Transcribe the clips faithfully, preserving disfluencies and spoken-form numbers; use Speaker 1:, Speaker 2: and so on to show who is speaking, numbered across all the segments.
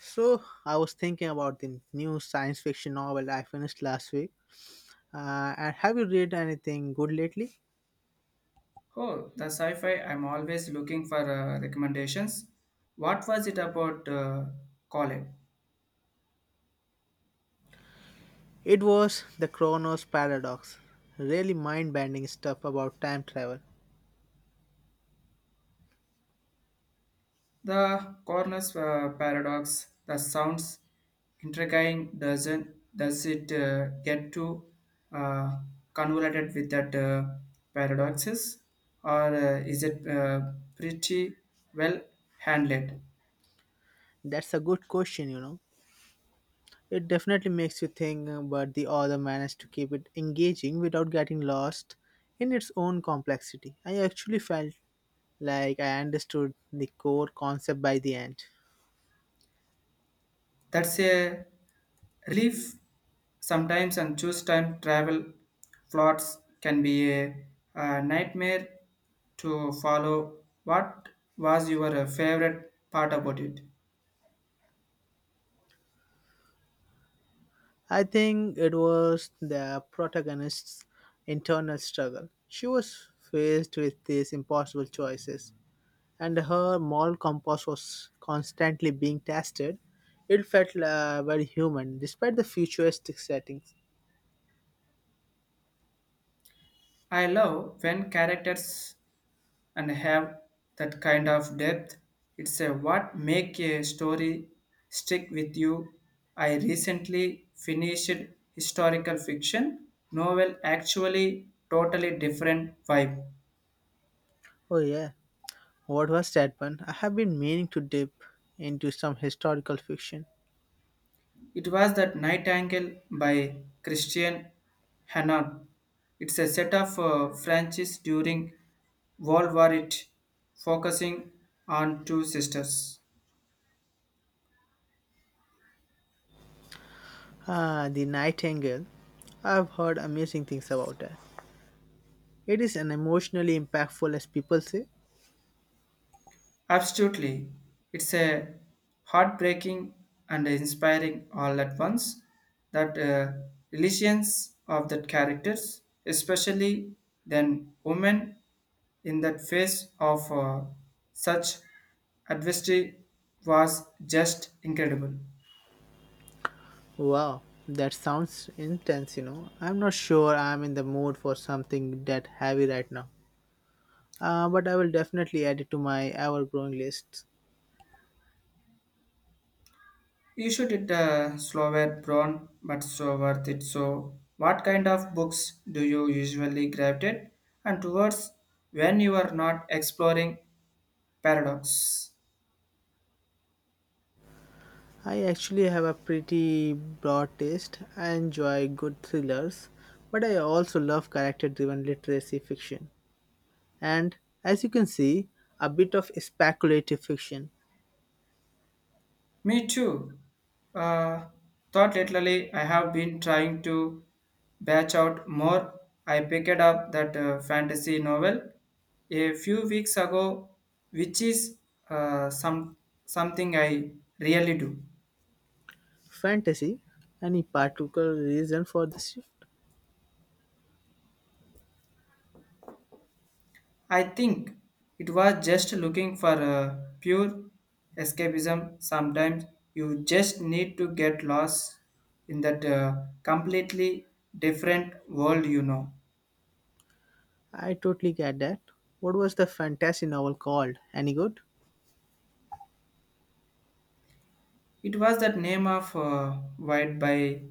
Speaker 1: So I was thinking about the new science fiction novel I finished last week. Uh, and have you read anything good lately?
Speaker 2: Oh, the sci-fi. I'm always looking for uh, recommendations. What was it about uh, Colin?
Speaker 1: It was The Chronos Paradox. Really mind-bending stuff about time travel.
Speaker 2: The Corner's uh, Paradox. The sounds intriguing. Doesn't does it uh, get too uh, convoluted with that uh, paradoxes, or uh, is it uh, pretty well handled?
Speaker 1: That's a good question, you know. It definitely makes you think, uh, but the author managed to keep it engaging without getting lost in its own complexity. I actually felt like I understood the core concept by the end.
Speaker 2: That's a Relief sometimes and choose time travel plots can be a, a nightmare to follow. What was your uh, favorite part about it?
Speaker 1: I think it was the protagonist's internal struggle. She was faced with these impossible choices, and her moral compass was constantly being tested. It felt uh, very human, despite the futuristic settings.
Speaker 2: I love when characters and have that kind of depth. It's a what make a story stick with you. I recently finished historical fiction novel actually totally different vibe.
Speaker 1: Oh, yeah, what was that one? I have been meaning to dip into some historical fiction.
Speaker 2: It was that Nightingale by Christian Hannard. It's a set of uh, Francis during World War It, focusing on two sisters.
Speaker 1: Ah, The Nightingale. I've heard amazing things about that. It is an emotionally impactful, as people say.
Speaker 2: Absolutely. It's a heartbreaking and inspiring all at once that uh, relations of that characters, especially then women in that face of uh, such adversity was just incredible.
Speaker 1: Wow, that sounds intense, you know. I'm not sure I'm in the mood for something that heavy right now. Uh, but I will definitely add it to my ever growing list.
Speaker 2: You should it uh, slower brown but so worth it. So what kind of books do you usually gravitate and towards when you are not exploring Paradox.
Speaker 1: I actually have a pretty broad taste. I enjoy good thrillers, but I also love character driven literacy fiction. And as you can see, a bit of speculative fiction.
Speaker 2: Me too. Uh, thought lately I have been trying to batch out more. I picked up that uh, fantasy novel a few weeks ago, which is uh, some something I really do.
Speaker 1: Fantasy, any particular reason for the shift?
Speaker 2: I think it was just looking for uh, pure escapism. Sometimes you just need to get lost in that uh, completely different world, you know.
Speaker 1: I totally get that. What was the fantasy novel called? Any good?
Speaker 2: It was that name of uh, White by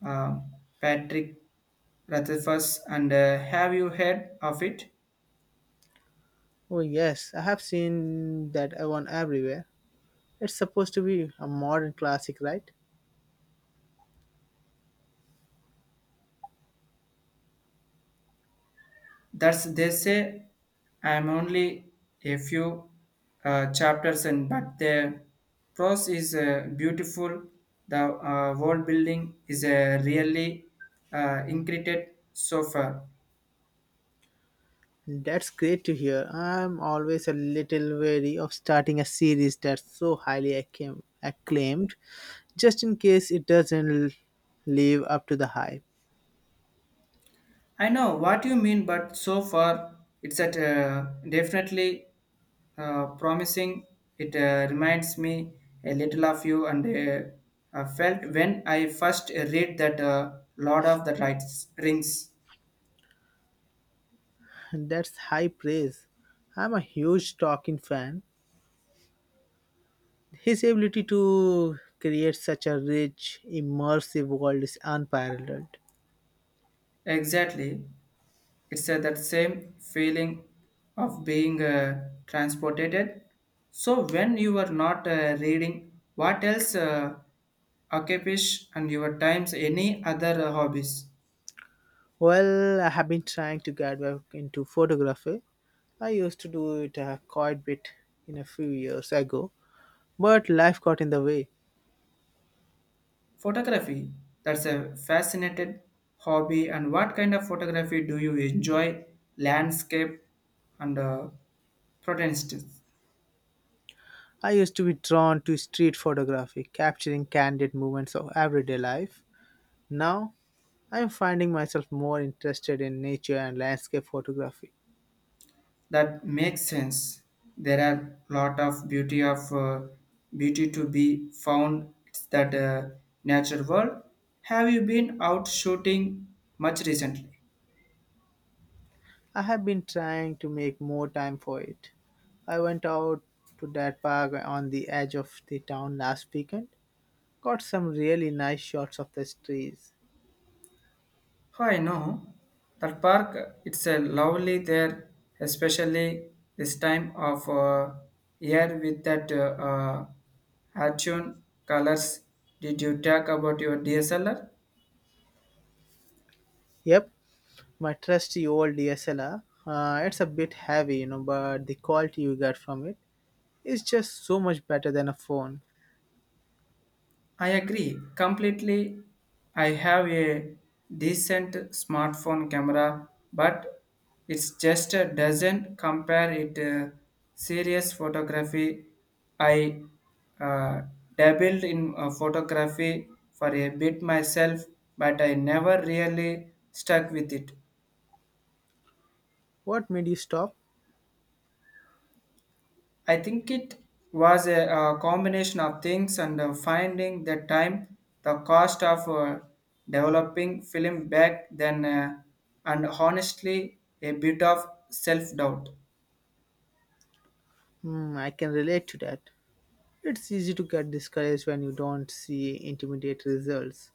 Speaker 2: uh, Patrick Rutherfus, and uh, have you heard of it?
Speaker 1: Oh, yes, I have seen that one everywhere. It's supposed to be a modern classic, right?
Speaker 2: That's they say I'm only a few uh, chapters in, but the prose is uh, beautiful. The uh, world building is uh, really uh, incredible so far.
Speaker 1: That's great to hear. I'm always a little wary of starting a series that's so highly acclaim- acclaimed, just in case it doesn't l- live up to the hype.
Speaker 2: I know what you mean, but so far it's at uh, definitely uh, promising. It uh, reminds me a little of you, and uh, I felt when I first read that uh, Lord of the Rights Rings.
Speaker 1: And that's high praise. I'm a huge Tolkien fan. His ability to create such a rich, immersive world is unparalleled.
Speaker 2: Exactly, it's uh, that same feeling of being uh, transported. So when you are not uh, reading, what else uh, occupies and your times any other uh, hobbies?
Speaker 1: Well, I have been trying to get back into photography. I used to do it uh, quite a bit in a few years ago, but life got in the way.
Speaker 2: Photography, that's a fascinated hobby. And what kind of photography do you enjoy? Landscape and uh, protestants.
Speaker 1: I used to be drawn to street photography, capturing candid moments of everyday life. Now, I am finding myself more interested in nature and landscape photography.
Speaker 2: That makes sense. There are lot of beauty of uh, beauty to be found. It's that uh, nature world. Have you been out shooting much recently?
Speaker 1: I have been trying to make more time for it. I went out to that park on the edge of the town last weekend, got some really nice shots of the trees.
Speaker 2: Oh, I know. That park, it's a lovely there, especially this time of uh, year with that uh, uh, Hatchun colors. Did you talk about your D S L R?
Speaker 1: Yep, my trusty old D S L R. Uh, it's a bit heavy, you know, but the quality you get from it is just so much better than a phone.
Speaker 2: I agree completely. I have a decent smartphone camera, but it just uh, doesn't compare it uh, serious photography. I uh, dabbled in uh, photography for a bit myself, but I never really stuck with it.
Speaker 1: What made you stop?
Speaker 2: I think it was a, uh combination of things and uh, finding the time, the cost of uh, developing film back then, uh, and honestly, a bit of self doubt.
Speaker 1: Hmm, I can relate to that. It's easy to get discouraged when you don't see immediate results.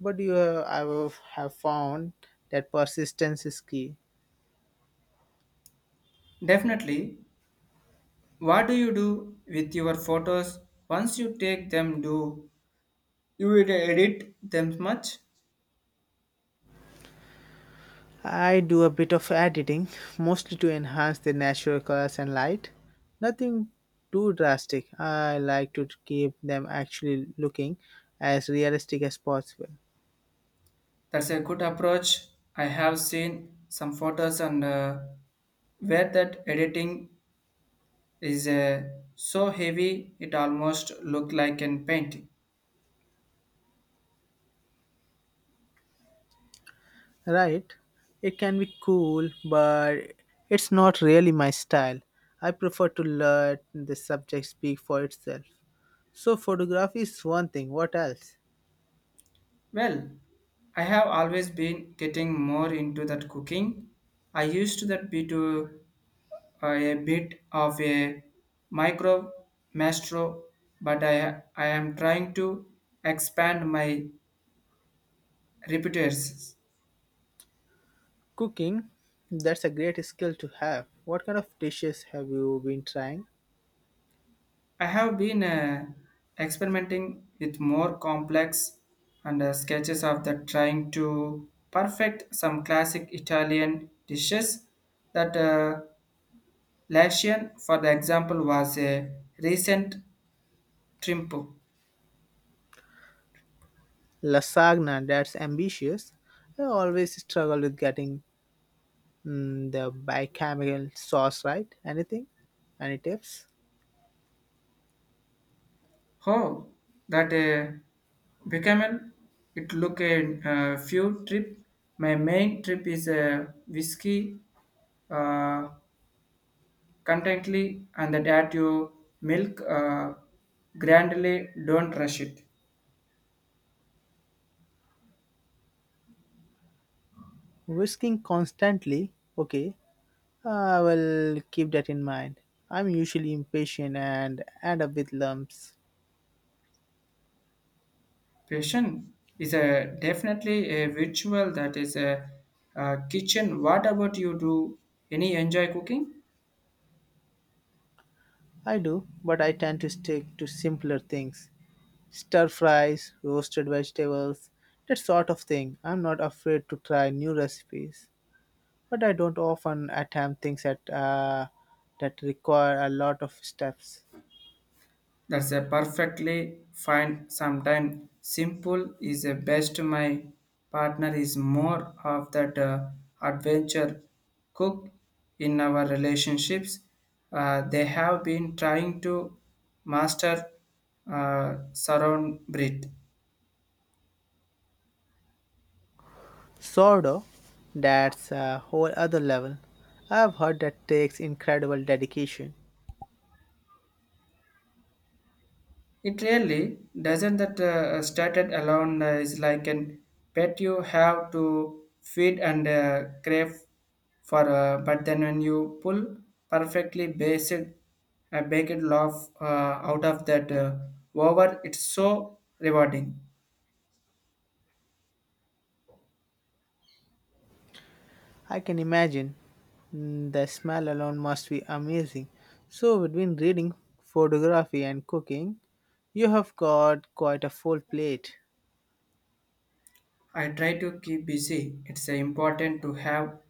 Speaker 1: But you have, I will have found that persistence is key.
Speaker 2: Definitely, what do you do with your photos once you take them? Do you ed- edit them much?
Speaker 1: I do a bit of editing, mostly to enhance the natural colors and light. Nothing too drastic. I like to keep them actually looking as realistic as possible.
Speaker 2: That's a good approach. I have seen some photos and uh, where that editing is uh, so heavy it almost looked like an painting.
Speaker 1: Right? It can be cool, but it's not really my style. I prefer to let the subject speak for itself. So, photography is one thing. What else?
Speaker 2: Well, I have always been getting more into that cooking. I used to that be to uh, a bit of a micro maestro, but I I am trying to expand my repertoires.
Speaker 1: Cooking, that's a great skill to have. What kind of dishes have you been trying?
Speaker 2: I have been uh, experimenting with more complex and uh, sketches of the trying to perfect some classic Italian dishes. That uh, Latian, for the example, was a recent trip.
Speaker 1: Lasagna, that's ambitious. I always struggle with getting mm, the bicameral sauce right. Anything? Any tips?
Speaker 2: Oh, that uh, became it look a uh, few trip. My main trip is a whiskey. Uh, contently and that you milk uh, grandly don't rush it.
Speaker 1: Whisking constantly. Okay, I will keep that in mind. I'm usually impatient and end up with lumps.
Speaker 2: Patient is a definitely a ritual that is a, uh kitchen. What about you, do any enjoy cooking?
Speaker 1: I do, but I tend to stick to simpler things. Stir fries, roasted vegetables, that sort of thing. I'm not afraid to try new recipes, but I don't often attempt things that uh, that require a lot of steps.
Speaker 2: That's a perfectly fine. Sometimes simple is the best. My partner is more of that uh, adventure cook in our relationships. Uh, they have been trying to master uh, surround breed.
Speaker 1: Sourdough, that's a whole other level. I've heard that takes incredible dedication.
Speaker 2: It really doesn't that uh, started alone uh, is like an pet you have to feed and uh, crave for, uh, but then when you pull perfectly based a baked loaf uh, out of that uh, over, it's so rewarding.
Speaker 1: I can imagine mm, the smell alone must be amazing. So between reading, photography, and cooking, you have got quite a full plate.
Speaker 2: I try to keep busy. It's uh, important to have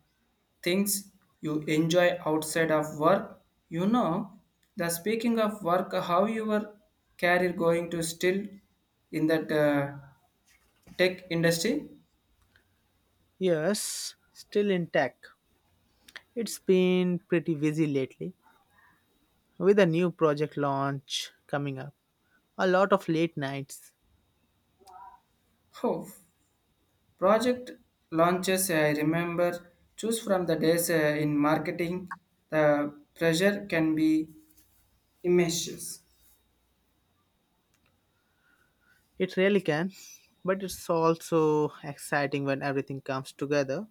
Speaker 2: things you enjoy outside of work, you know, the speaking of work, how your career going to, still in that uh, tech industry.
Speaker 1: Yes, still intact. It's been pretty busy lately with a new project launch coming up, a lot of late nights.
Speaker 2: Oh, project launches, I remember choose from the days uh, in marketing, the pressure can be immense.
Speaker 1: It really can, but it's also exciting when everything comes together.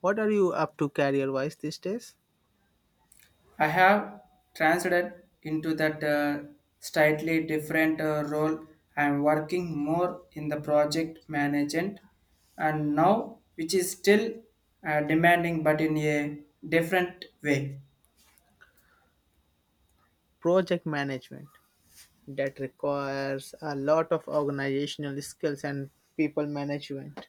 Speaker 1: What are you up to career wise these days?
Speaker 2: I have transited into that uh, slightly different uh, role. I am working more in the project management and now, which is still uh, demanding but in a different way.
Speaker 1: Project management that requires a lot of organizational skills and people management.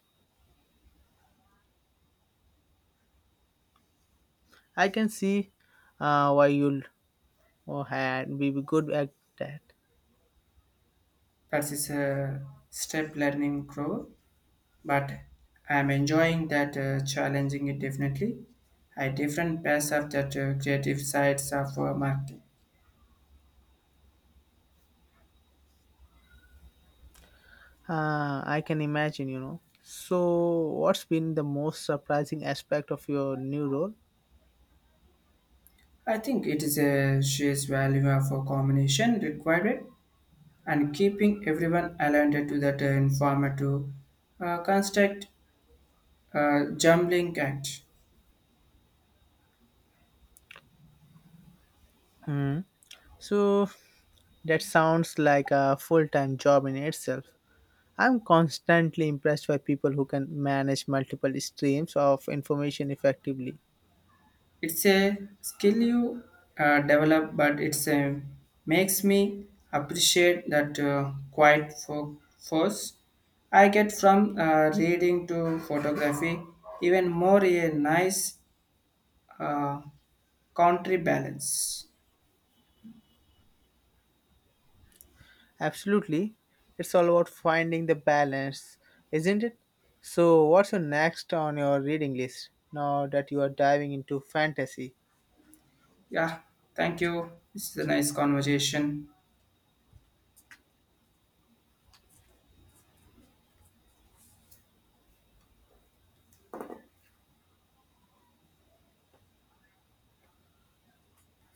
Speaker 1: I can see uh, why you'll oh, had be good at that.
Speaker 2: That is a step learning growth, but I am enjoying that uh, challenging it definitely. I different paths of that uh, creative sides of uh, marketing.
Speaker 1: Uh, I can imagine, you know. So, what's been the most surprising aspect of your new role?
Speaker 2: I think it is a sheer's value of a combination required and keeping everyone aligned to that uh, informative uh, construct uh, jumbling act.
Speaker 1: Hmm. So that sounds like a full time job in itself. I'm constantly impressed by people who can manage multiple streams of information effectively.
Speaker 2: It's a skill you uh, develop, but it's a, makes me appreciate that uh, quiet fo- force I get from uh, reading to photography, even more a nice uh, country balance.
Speaker 1: Absolutely. It's all about finding the balance, isn't it? So, what's your next on your reading list now that you are diving into fantasy?
Speaker 2: Yeah, thank you. This is a nice conversation.